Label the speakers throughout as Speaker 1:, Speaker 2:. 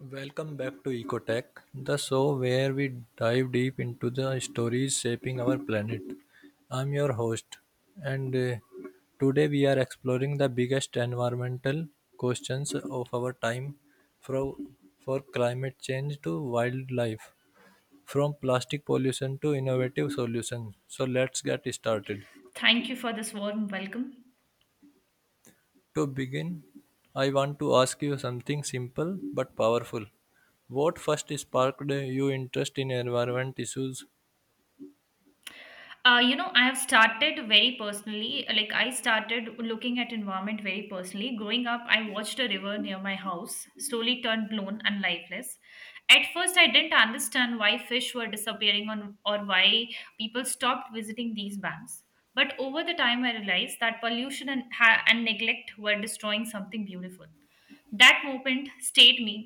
Speaker 1: Welcome back to Ecotech, the show where we dive deep into the stories shaping our planet. I'm your host, and today we are exploring the biggest environmental questions of our time from for climate change to wildlife, from plastic pollution to innovative solutions. So let's get started.
Speaker 2: Thank you for this warm welcome.
Speaker 1: To begin, I want to ask you something simple but powerful. What first sparked your interest in environment issues?
Speaker 2: You know, I have started very personally, like I started looking at environment very personally. Growing up, I watched a river near my house slowly turn blown and lifeless. At first, I didn't understand why fish were disappearing on, or why people stopped visiting these banks. But over the time, I realized that pollution and neglect were destroying something beautiful. That moment stayed me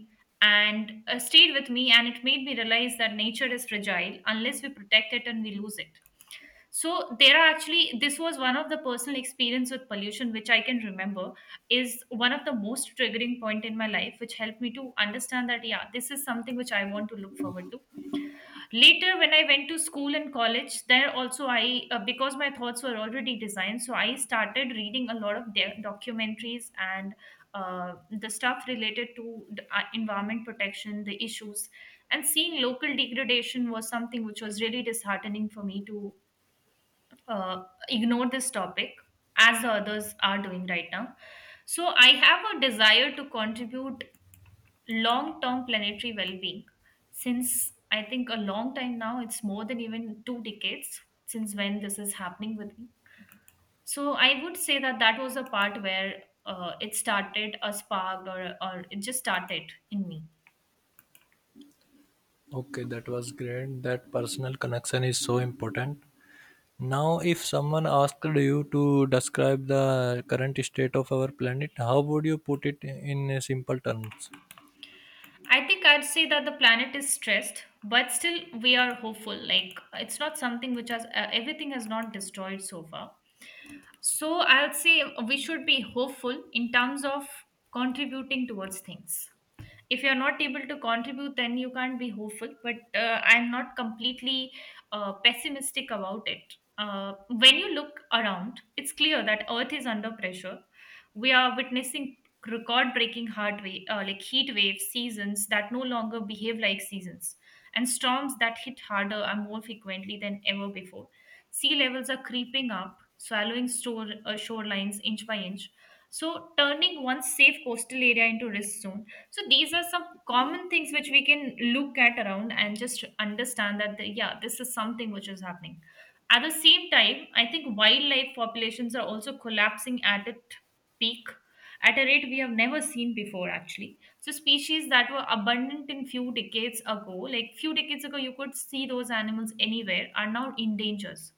Speaker 2: and stayed with me, and it made me realize that nature is fragile unless we protect it and we lose it. So there are actually, this was one of the personal experience with pollution which I can remember, is one of the most triggering point in my life, which helped me to understand that yeah, this is something which I want to look forward to. Later, when I went to school and college, there also I because my thoughts were already designed, so I started reading a lot of their documentaries and the stuff related to the environment protection, the issues. And seeing local degradation was something which was really disheartening for me to uh, ignore this topic as the others are doing right now. So I have a desire to contribute long term planetary well being. Since I think a long time now, it's more than even 2 decades since when this is happening with me. So I would say that that was a part where it started a spark, or it just started in me.
Speaker 1: Okay, that was great. That personal connection is so important. Now, if someone asked you to describe the current state of our planet, how would you put it in simple terms?
Speaker 2: I think I'd say that the planet is stressed, but still we are hopeful. Like it's not something which has everything has not destroyed so far. So I'll say we should be hopeful in terms of contributing towards things. If you're not able to contribute, then you can't be hopeful, but I'm not completely pessimistic about it. When you look around, it's clear that earth is under pressure. We are witnessing record breaking hard wave, like heat waves, seasons that no longer behave like seasons, and storms that hit harder and more frequently than ever before. Sea levels are creeping up, swallowing shorelines inch by inch, so turning one safe coastal area into risk zone. So these are some common things which we can look at around and just understand that yeah, this is something which is happening. At the same time, I think wildlife populations are also collapsing at its peak, at a rate we have never seen before. Actually, so species that were abundant in few decades ago, like few decades ago you could see those animals anywhere, are now in dangers.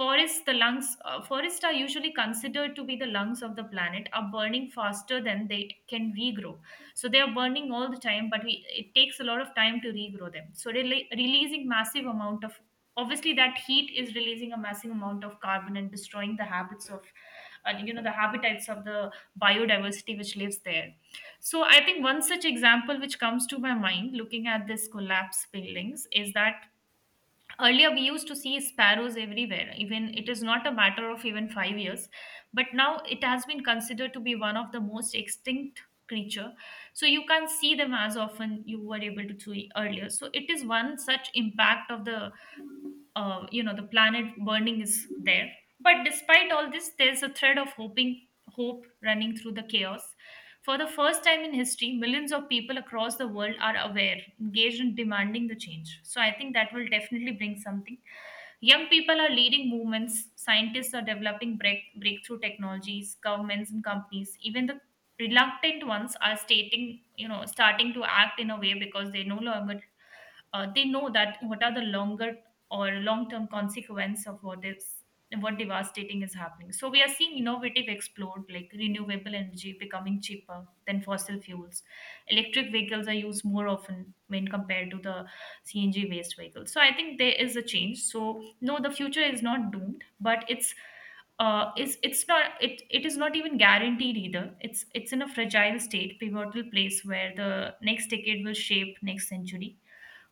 Speaker 2: Forests, the lungs, forests are usually considered to be the lungs of the planet, are burning faster than they can regrow. So they are burning all the time, but we, it takes a lot of time to regrow them. So releasing massive amount of, obviously that heat is releasing a massive amount of carbon, and destroying the habits of, you know, the habitats of the biodiversity which lives there. So I think one such example which comes to my mind looking at this collapse buildings is that earlier we used to see sparrows everywhere, even it is not a matter of even 5 years, but now it has been considered to be one of the most extinct creature. So you can't see them as often you were able to see earlier. So it is one such impact of the you know, the planet burning is there. But despite all this, there's a thread of hoping hope running through the chaos. For the first time in history, millions of people across the world are aware, engaged in demanding the change, so I think that will definitely bring something. Young people are leading movements, scientists are developing breakthrough technologies, governments and companies, even the reluctant ones, are stating, you know, starting to act in a way, because they no longer, they know that what are the longer or long-term consequence of what is, what devastating is happening. So we are seeing innovative explored, like renewable energy becoming cheaper than fossil fuels. Electric vehicles are used more often when compared to the CNG based vehicles. So I think there is a change. So no, the future is not doomed, but it's is it's not, it is not even guaranteed either. It's in a fragile state, pivotal place where the next decade will shape next century,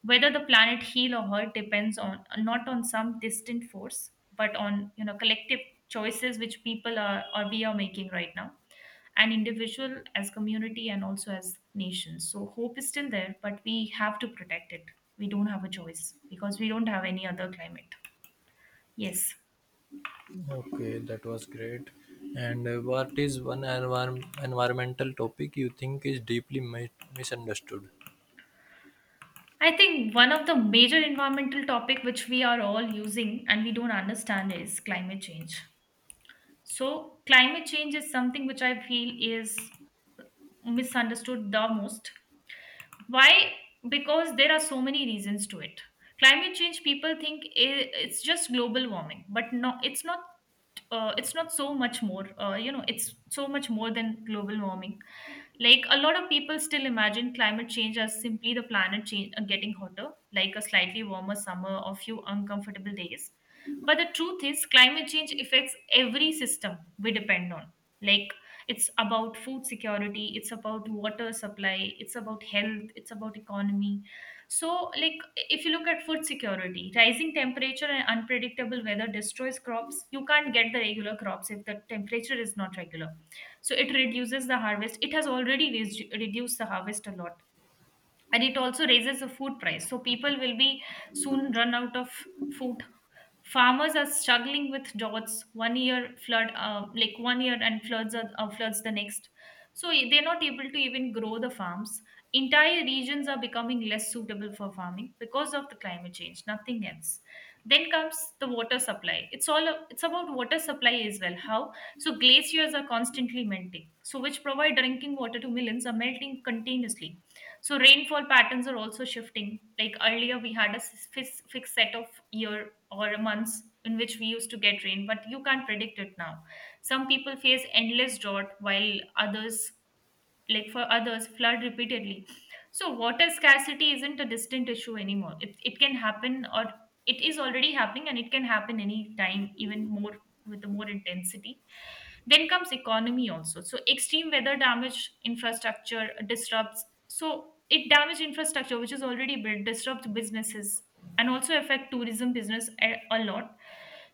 Speaker 2: whether the planet heal or hurt depends on, not on some distant force, but on, you know, collective choices which people are, or we are making right now, and individual as community and also as nations. So hope is still there, but we have to protect it. We don't have a choice because we don't have any other climate. Yes.
Speaker 1: Okay, that was great. And what is one environmental topic you think is deeply misunderstood?
Speaker 2: I think one of the major environmental topic which we are all using and we don't understand is climate change. So climate change is something which I feel is misunderstood the most. Why? Because there are so many reasons to it. Climate change, people think it's just global warming, but no, it's not, it's not so much more, you know, it's so much more than global warming. Like a lot of people still imagine climate change as simply the planet getting hotter, like a slightly warmer summer or few uncomfortable days. But the truth is, climate change affects every system we depend on. Like, it's about food security, it's about water supply, it's about health, it's about economy. So, like, if you look at food security, rising temperature and unpredictable weather destroys crops. You can't get the regular crops if the temperature is not regular. So it reduces the harvest. It has already reduced the harvest a lot, and it also raises the food price, so people will be soon run out of food. Farmers are struggling with droughts 1 year, flood like 1 year, and floods are, floods the next, so they're not able to even grow the farms. Entire regions are becoming less suitable for farming because of the climate change, nothing else. Then comes the water supply. It's all it's about water supply as well. How? So glaciers are constantly melting, so which provide drinking water to millions are melting continuously. So rainfall patterns are also shifting. Like earlier, we had a fixed set of year or months in which we used to get rain, but you can't predict it now. Some people face endless drought, while others, like for others, flood repeatedly. So water scarcity isn't a distant issue anymore. It can happen, or it is already happening, and it can happen any time, even more with the more intensity. Then comes economy also. So extreme weather damage infrastructure disrupts, so it damages infrastructure which is already built, disrupts businesses, and also affect tourism business a lot.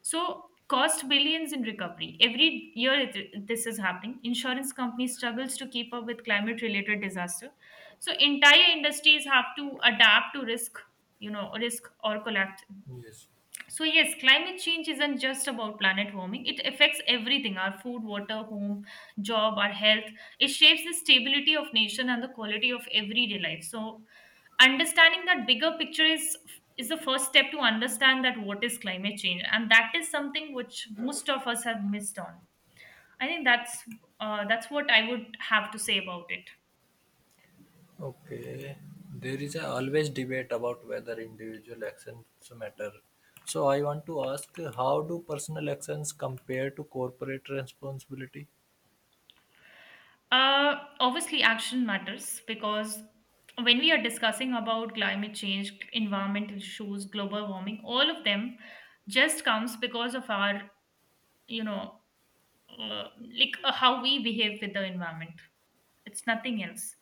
Speaker 2: So cost billions in recovery every year. It, this is happening. Insurance company struggles to keep up with climate-related disaster. So entire industries have to adapt to risk, you know, risk or collapse.
Speaker 1: Yes.
Speaker 2: So, yes, climate change isn't just about planet warming. It affects everything: our food, water, home, job, our health. It shapes the stability of nation and the quality of everyday life. So, understanding that bigger picture is the first step to understand that what is climate change, and that is something which most of us have missed on. I think that's what I would have to say about it.
Speaker 1: Okay, there is a always debate about whether individual actions matter. So I want to ask, how do personal actions compare to corporate responsibility?
Speaker 2: Obviously, action matters, because when we are discussing about climate change, environmental issues, global warming, all of them just comes because of our, you know, uh, like how we behave with the environment. It's nothing else.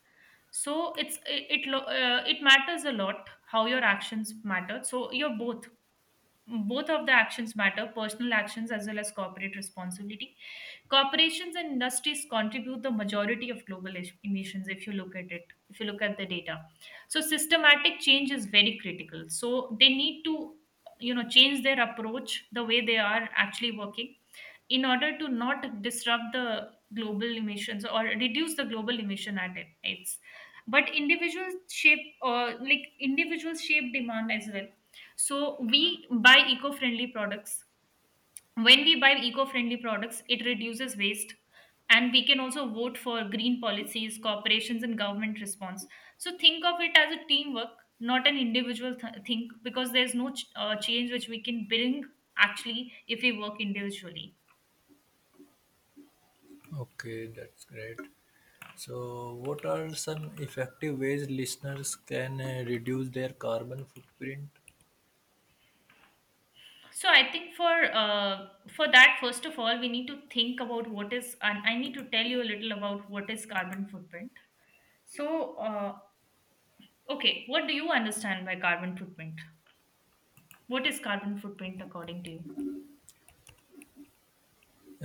Speaker 2: So it's it matters a lot how your actions matter. So you're both, both of the actions matter, personal actions as well as corporate responsibility. Corporations and industries contribute the majority of global emissions, if you look at it, if you look at the data. So systematic change is very critical, so they need to, you know, change their approach, the way they are actually working, in order to not disrupt the global emissions or reduce the global emission at its. But individuals shape, like individuals shape demand as well. So we buy eco-friendly products. When we buy eco-friendly products, it reduces waste, and we can also vote for green policies, corporations and government response. So think of it as a teamwork, not an individual think, because there's no change which we can bring, actually, if we work individually.
Speaker 1: Okay, that's great. So, what are some effective ways listeners can reduce their carbon footprint?
Speaker 2: So I think uh, for that, first of all, we need to think about what is, and I need to tell you a little about what is carbon footprint. So, okay, what do you understand by carbon footprint? What is carbon footprint according to you?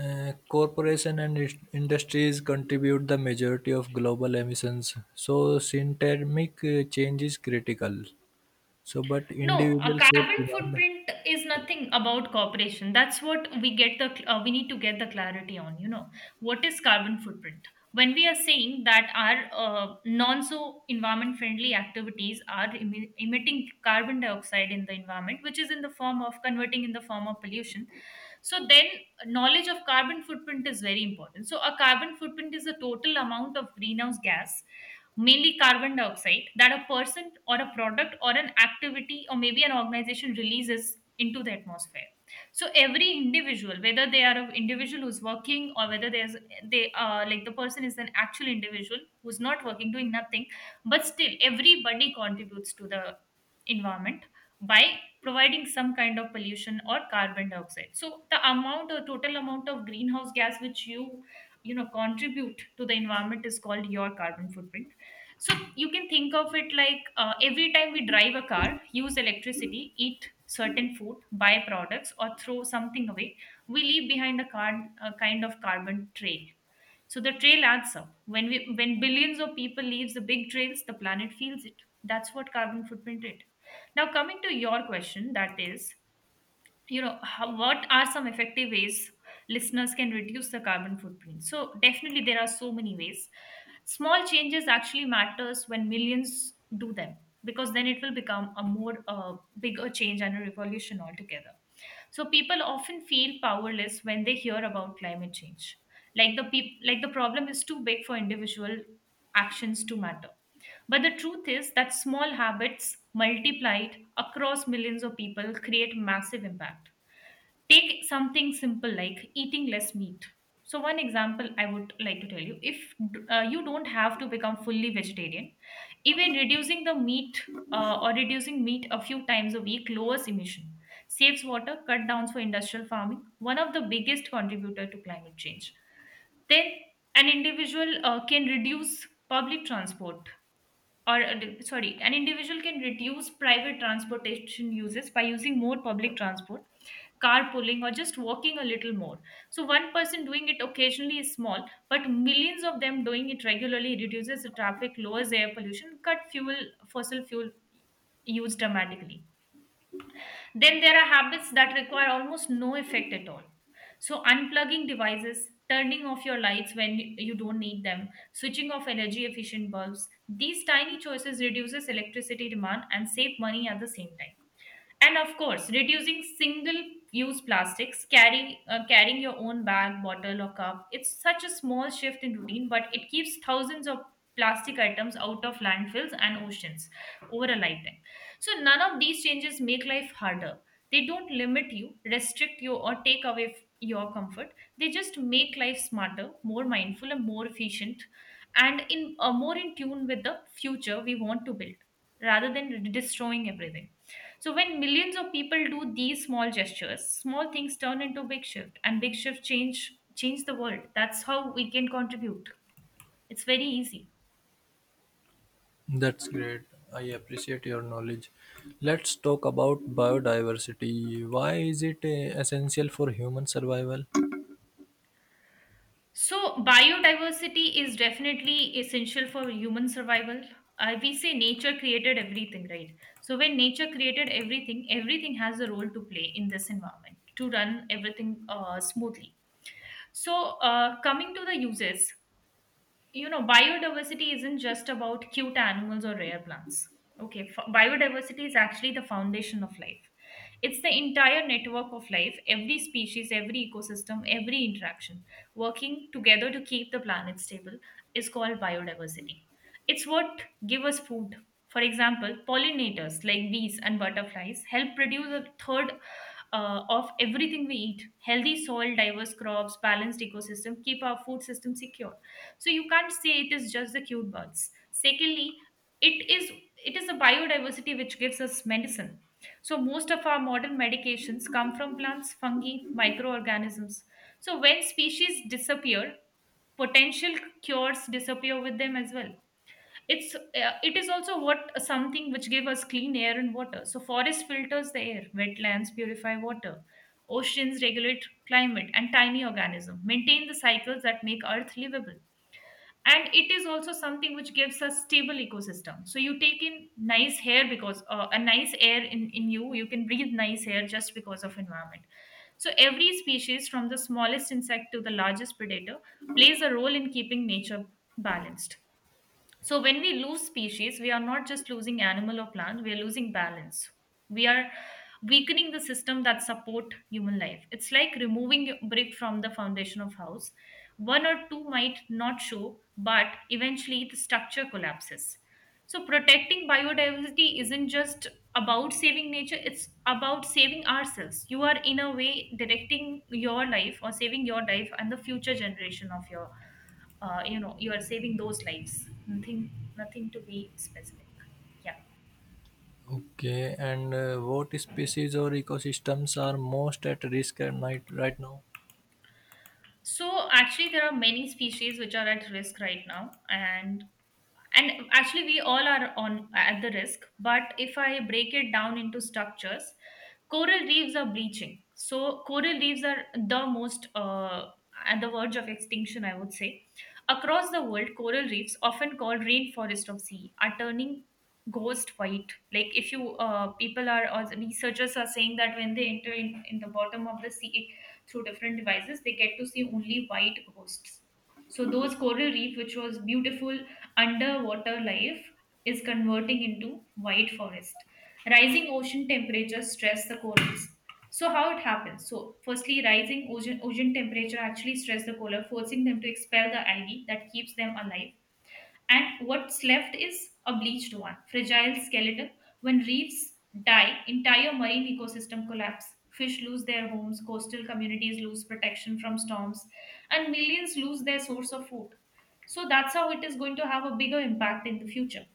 Speaker 1: Corporation and industries contribute the majority of global emissions, so synthermic change is critical. So, but
Speaker 2: No, a
Speaker 1: individual shape
Speaker 2: carbon
Speaker 1: demand.
Speaker 2: footprint is nothing about corporation. That's what we get the we need to get the clarity on. You know, what is carbon footprint? When we are saying that our non so environment friendly activities are emitting carbon dioxide in the environment, which is in the form of converting in the form of pollution. So then, knowledge of carbon footprint is very important. So a carbon footprint is the total amount of greenhouse gas, mainly carbon dioxide, that a person or a product or an activity or maybe an organization releases into the atmosphere. So every individual, whether they are an individual who's working or whether there's they like, the person is an actual individual who's not working, doing nothing, but still everybody contributes to the environment by providing some kind of pollution or carbon dioxide. So the amount or total amount of greenhouse gas which you know, contribute to the environment is called your carbon footprint. So you can think of it like, every time we drive a car, use electricity, eat certain food, buy products, or throw something away, we leave behind a, a kind of carbon trail. So the trail adds up when we when billions of people leaves the big trails, the planet feels it. That's what carbon footprint did. Now coming to your question, that is, you know, how, what are some effective ways listeners can reduce the carbon footprint? So definitely there are so many ways. Small changes actually matters when millions do them, because then it will become a more bigger change and a revolution altogether. So people often feel powerless when they hear about climate change, like like the problem is too big for individual actions to matter, but the truth is that small habits multiplied across millions of people create massive impact. Take something simple like eating less meat. So, one example I would like to tell you, if you don't have to become fully vegetarian, even reducing the meat or reducing meat a few times a week lowers emission, saves water, cut downs for industrial farming, one of the biggest contributor to climate change. Then an individual can reduce public transport, or sorry, an individual can reduce private transportation uses by using more public transport, carpooling, or just walking a little more. So, one person doing it occasionally is small, but millions of them doing it regularly reduces the traffic, lowers air pollution, cut fuel, fossil fuel use dramatically. Then there are habits that require almost no effect at all. So, unplugging devices, turning off your lights when you don't need them, switching off energy efficient bulbs, these tiny choices reduces electricity demand and save money at the same time. And of course, reducing single use plastics, carrying your own bag, bottle, or cup, it's such a small shift in routine, but it keeps thousands of plastic items out of landfills and oceans over a lifetime. So none of these changes make life harder. They don't limit you, restrict you, or take away your comfort. They just make life smarter, more mindful, and more efficient, and in more in tune with the future we want to build, rather than destroying everything. So when millions of people do these small gestures, small things turn into big shift, and big shift change the world. That's how we can contribute. It's very easy.
Speaker 1: That's great. I appreciate your knowledge. Let's talk about biodiversity. Why is it essential for human survival?
Speaker 2: So biodiversity is definitely essential for human survival. We say nature created everything, right? So when nature created everything, everything has a role to play in this environment to run everything smoothly. So, coming to the uses, you know, biodiversity isn't just about cute animals or rare plants. Biodiversity is actually the foundation of life. It's the entire network of life, every species, every ecosystem, every interaction working together to keep the planet stable is called biodiversity. It's what give us food. For example, pollinators like bees and butterflies help produce a third of everything we eat. Healthy soil, diverse crops, balanced ecosystem keep our food system secure. So you can't say it is just the cute birds. Secondly, it is it is the biodiversity which gives us medicine. So most of our modern medications come from plants, fungi, microorganisms. So when species disappear, potential cures disappear with them as well. It is also what something which give us clean air and water. So forest filters the air, wetlands purify water, oceans regulate climate, and tiny organism maintain the cycles that make earth livable. And it is also something which gives a stable ecosystem. So you take in nice air because a nice air in you, you can breathe nice air just because of environment. So every species, from the smallest insect to the largest predator, plays a role in keeping nature balanced. So when we lose species, we are not just losing animal or plant, we are losing balance. We are weakening the system that support human life. It's like removing a brick from the foundation of house. One or two might not show, but eventually the structure collapses. So protecting biodiversity isn't just about saving nature, it's about saving ourselves. You are in a way directing your life or saving your life and the future generation of your, you know, you are saving those lives. Nothing to be specific. Yeah.
Speaker 1: Okay, and what species or ecosystems are most at risk at night right now?
Speaker 2: So actually there are many species which are at risk right now, and actually we all are on at the risk. But if I break it down into structures, coral reefs are bleaching. So coral reefs are the most at the verge of extinction, I would say. Across the world, coral reefs, often called rainforest of sea, are turning ghost white. Like if you people are, or researchers are saying that when they enter in the bottom of the sea through different devices, they get to see only white ghosts. So those coral reef, which was beautiful underwater life, is converting into white forest. Rising ocean temperatures stress the corals. So how it happens, so firstly, rising ocean temperature actually stress the coral, forcing them to expel the algae that keeps them alive, and what's left is a bleached one, fragile skeleton. When reefs die, entire marine ecosystem collapse, fish lose their homes, coastal communities lose protection from storms, and millions lose their source of food. So that's how it is going to have a bigger impact in the future.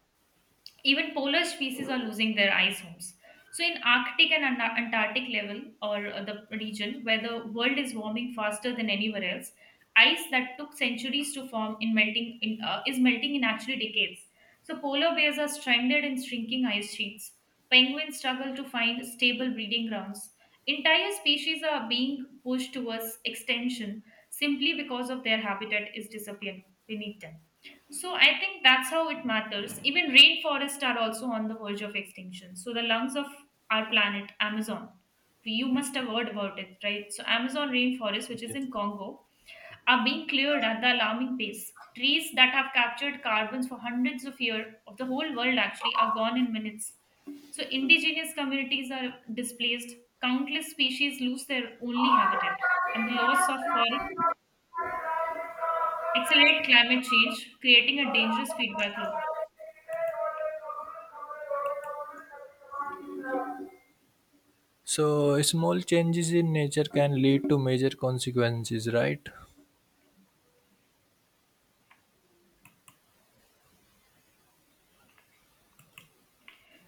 Speaker 2: Even polar species are losing their ice homes. So, in Arctic and Antarctic level, or the region where the world is warming faster than anywhere else, ice that took centuries to form in melting is melting in actually decades. So, polar bears are stranded in shrinking ice sheets. Penguins struggle to find stable breeding grounds. Entire species are being pushed towards extinction simply because of their habitat is disappearing beneath them. So I think that's how it matters. Even rainforests are also on the verge of extinction. So the lungs of our planet, Amazon, you must have heard about it, right? So Amazon rainforest, which is
Speaker 1: Yes.
Speaker 2: in Congo, are being cleared at the alarming pace. Trees that have captured carbons for hundreds of years of the whole world actually are gone in minutes. So indigenous communities are displaced. Countless species lose their only habitat, and the loss of forest accelerate climate change, creating a dangerous feedback loop.
Speaker 1: So, small changes in nature can lead to major consequences, right?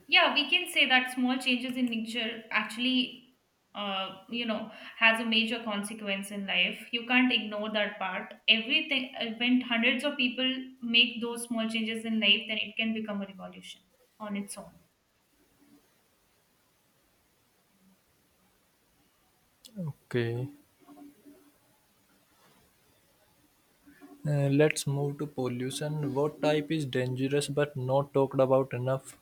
Speaker 2: Yeah, we can say that small changes in nature actually, you know, has a major consequence in life. You can't ignore that part. Everything, when hundreds of people make those small changes in life, then it can become a revolution on its own.
Speaker 1: Okay. Let's move to pollution. What type is dangerous but not talked about enough?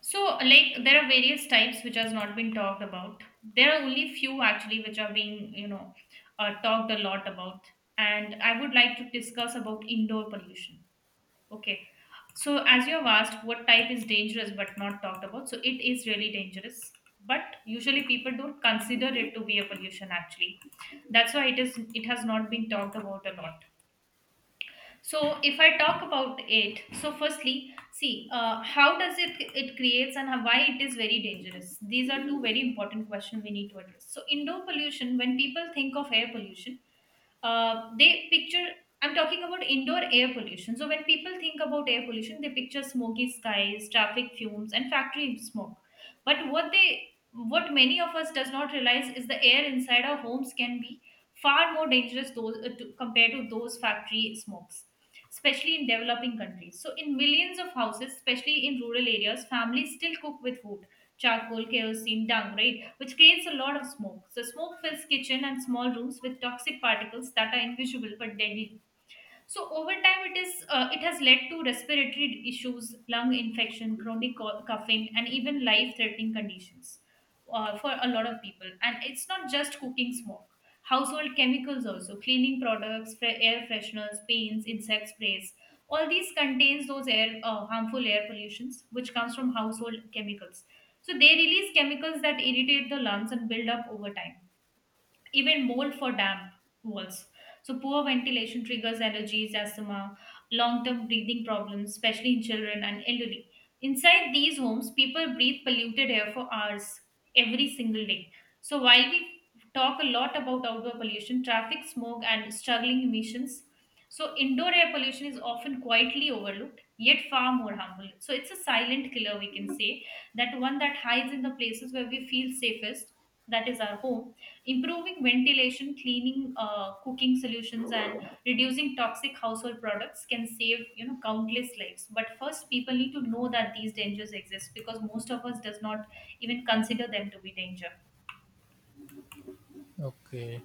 Speaker 2: So, like, there are various types which has not been talked about. There are only few actually which are being, you know, talked a lot about. And I would like to discuss about indoor pollution. Okay. So, as you have asked, what type is dangerous but not talked about? So, it is really dangerous, but usually people don't consider it to be a pollution actually. That's why it has not been talked about a lot. So if I talk about it, so firstly, see how does it creates and why it is very dangerous. These are two very important questions we need to address. So indoor pollution, when people think of air pollution, uh, they picture I'm talking about indoor air pollution. So when people think about air pollution, they picture smoky skies, traffic fumes, and factory smoke. But what many of us does not realize is the air inside our homes can be far more dangerous those, compared to those factory smokes, especially in developing countries. So, in millions of houses, especially in rural areas, families still cook with wood, charcoal, kerosene, dung, right? Which creates a lot of smoke. So, smoke fills kitchen and small rooms with toxic particles that are invisible but deadly. So over time, it has led to respiratory issues, lung infection, chronic coughing, and even life-threatening conditions for a lot of people. And it's not just cooking smoke; household chemicals also, cleaning products, air fresheners, paints, insect sprays. All these contains those air harmful air pollutions, which comes from household chemicals. So they release chemicals that irritate the lungs and build up over time, even mold for damp walls. So poor ventilation triggers allergies, asthma, long-term breathing problems, especially in children and elderly. Inside these homes, people breathe polluted air for hours every single day. So while we talk a lot about outdoor pollution, traffic, smoke, and struggling emissions, so indoor air pollution is often quietly overlooked, yet far more harmful. So it's a silent killer, we can say, that one that hides in the places where we feel safest, that is our home. Improving ventilation, cleaning cooking solutions, and reducing toxic household products can save countless lives. But first, people need to know that these dangers exist because most of us does not even consider them to be danger.
Speaker 1: Okay.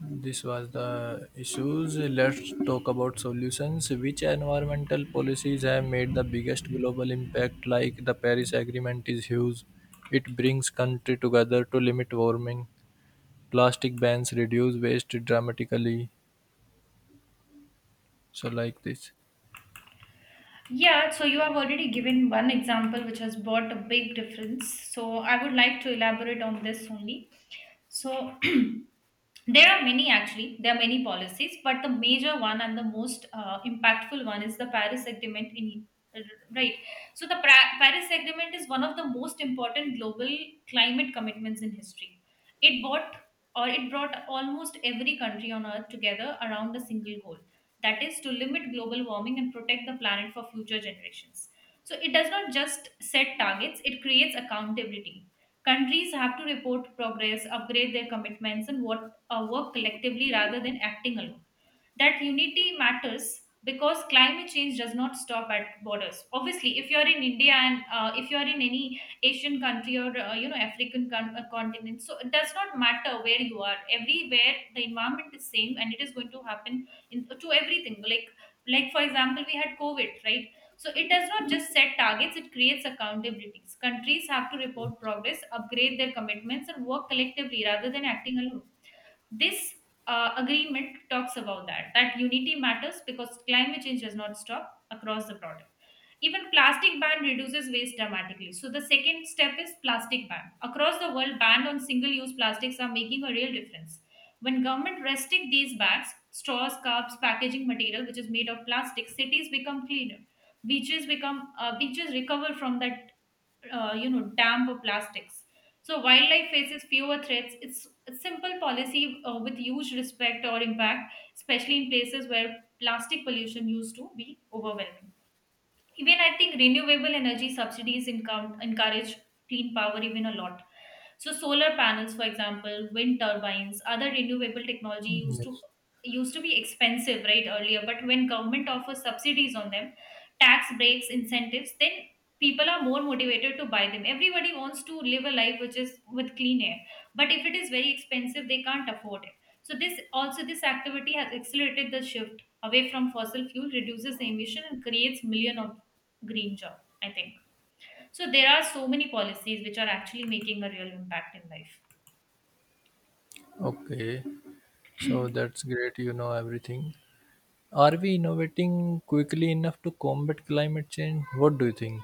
Speaker 1: This was the issues. Let's talk about solutions. Which environmental policies have made the biggest global impact, like the Paris Agreement, is huge. It brings country together to limit warming. Plastic bans reduce waste dramatically. So, like this.
Speaker 2: Yeah, so you have already given one example which has brought a big difference. So I would like to elaborate on this only. So there are many actually. There are many policies, but the major one and the most impactful one is the Paris Agreement in uh, right. So the Paris Agreement is one of the most important global climate commitments in history. It brought it brought almost every country on earth together around a single goal. That is to limit global warming and protect the planet for future generations. So it does not just set targets, it creates accountability. Countries have to report progress, upgrade their commitments, and what work collectively rather than acting alone. That unity matters because climate change does not stop at borders. Obviously, if you're in India and if you're in any Asian country or African continent, so it does not matter where you are. Everywhere the environment is same, and it is going to happen to everything. Like for example, we had COVID, right? So it does not just set targets; it creates accountabilities. Countries have to report progress, upgrade their commitments, and work collectively rather than acting alone. This agreement talks about that that unity matters because climate change does not stop across the product. Even plastic ban reduces waste dramatically, so the second step is plastic ban across the world. Ban on single use plastics are making a real difference. When government restrict these bags, straws, cups, packaging material which is made of plastic, cities become cleaner, beaches become beaches recover from that damp for plastics. So wildlife faces fewer threats. It's a simple policy with huge respect or impact, especially in places where plastic pollution used to be overwhelming. Even I think renewable energy subsidies encourage clean power even a lot. So solar panels for example, wind turbines, other renewable technology used to
Speaker 1: Yes.
Speaker 2: used to be expensive, right, earlier, but when government offers subsidies on them, tax breaks, incentives, then people are more motivated to buy them. Everybody wants to live a life which is with clean air, but if it is very expensive, they can't afford it. So this also, this activity has accelerated the shift away from fossil fuel, reduces the emission and creates million of green job, I think. So there are so many policies which are actually making a real impact in life.
Speaker 1: Okay. So that's great. You know everything. Are we innovating quickly enough to combat climate change? What do you think?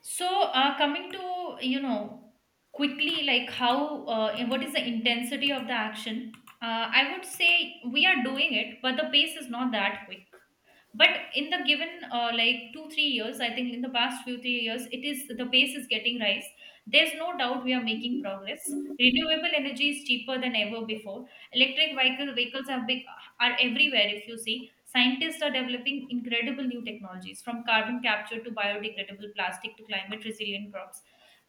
Speaker 2: So coming to you know quickly, like how and what is the intensity of the action, I would say we are doing it but the pace is not that quick. But in the given like 2 3 years, I think in the past few 3 years, it is the pace is getting rise. There's no doubt we are making progress. Renewable energy is cheaper than ever before. Electric vehicles are big, are everywhere if you see. Scientists are developing incredible new technologies from carbon capture to biodegradable plastic to climate resilient crops.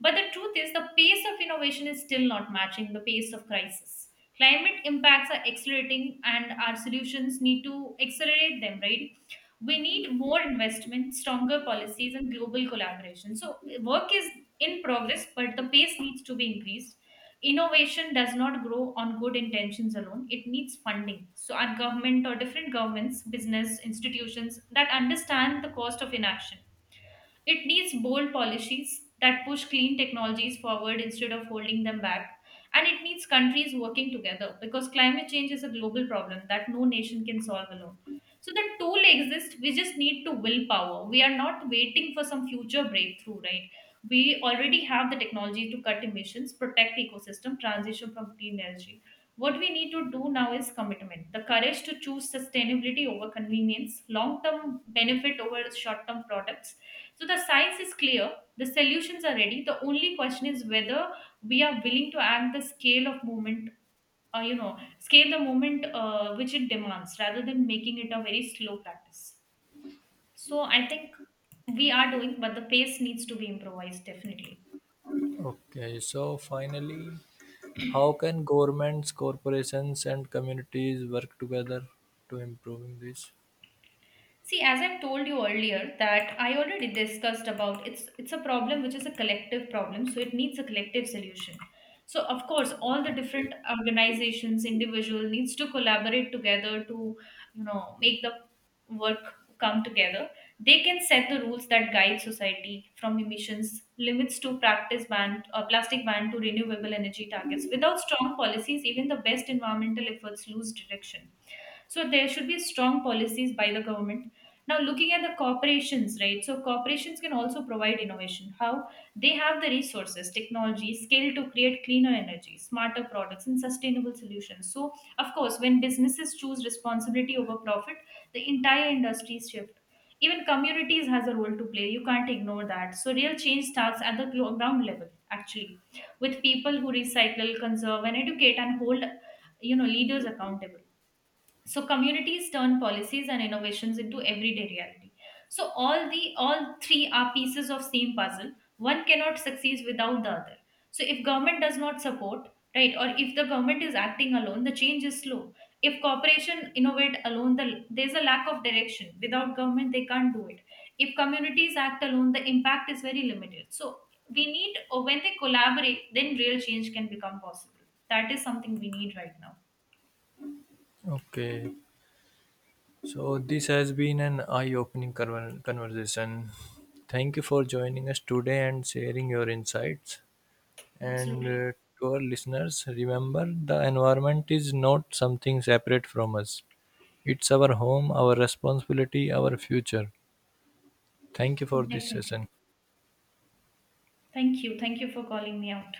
Speaker 2: But the truth is the pace of innovation is still not matching the pace of crisis. Climate impacts are accelerating and our solutions need to accelerate them, right? We need more investment, stronger policies, and global collaboration. So, work is in progress, but the pace needs to be increased. Innovation does not grow on good intentions alone, it needs funding. So, our government or different governments, business institutions that understand the cost of inaction, it needs bold policies that push clean technologies forward instead of holding them back. And it needs countries working together because climate change is a global problem that no nation can solve alone. So the tool exists, we just need to willpower. We are not waiting for some future breakthrough, right? We already have the technology to cut emissions, protect ecosystem, transition from clean energy. What we need to do now is commitment, the courage to choose sustainability over convenience, long term benefit over short term products. So the science is clear, the solutions are ready. The only question is whether we are willing to act the scale of movement, scale the movement which it demands rather than making it a very slow practice. So I think we are doing, but the pace needs to be improvised definitely.
Speaker 1: Okay, so finally, how can governments, corporations, and communities work together to improving this?
Speaker 2: See, as I've told you earlier, that I already discussed about it's a problem which is a collective problem, so it needs a collective solution. So of course, all the
Speaker 1: Okay.
Speaker 2: different organizations, individual needs to collaborate together to make the work come together. They can set the rules that guide society from emissions limits to practice ban, plastic ban to renewable energy targets. Without strong policies, even the best environmental efforts lose direction, so there should be strong policies by the government. Now, looking at the corporations, right? So corporations can also provide innovation. How? They have the resources, technology, skill to create cleaner energy, smarter products, and sustainable solutions. So, of course, when businesses choose responsibility over profit, the entire industry shift. Even communities has a role to play. You can't ignore that. So real change starts at the ground level, actually, with people who recycle, conserve, and educate, and hold, leaders accountable. So communities turn policies and innovations into everyday reality. So all the all three are pieces of same puzzle. One cannot succeed without the other. So if government does not support, right, or if the government is acting alone, the change is slow. If corporation innovate alone, the, there's a lack of direction without government, they can't do it. If communities act alone, the impact is very limited. So we need, or when they collaborate, then real change can become possible. That is something we need right now.
Speaker 1: Okay, so this has been an eye-opening conversation. Thank you for joining us today and sharing your insights. And
Speaker 2: Absolutely.
Speaker 1: uh, to our listeners, remember the environment is not something separate from us. It's our home, our responsibility, our future. Thank you for this
Speaker 2: Definitely.
Speaker 1: session.
Speaker 2: Thank you. Thank you for calling me out.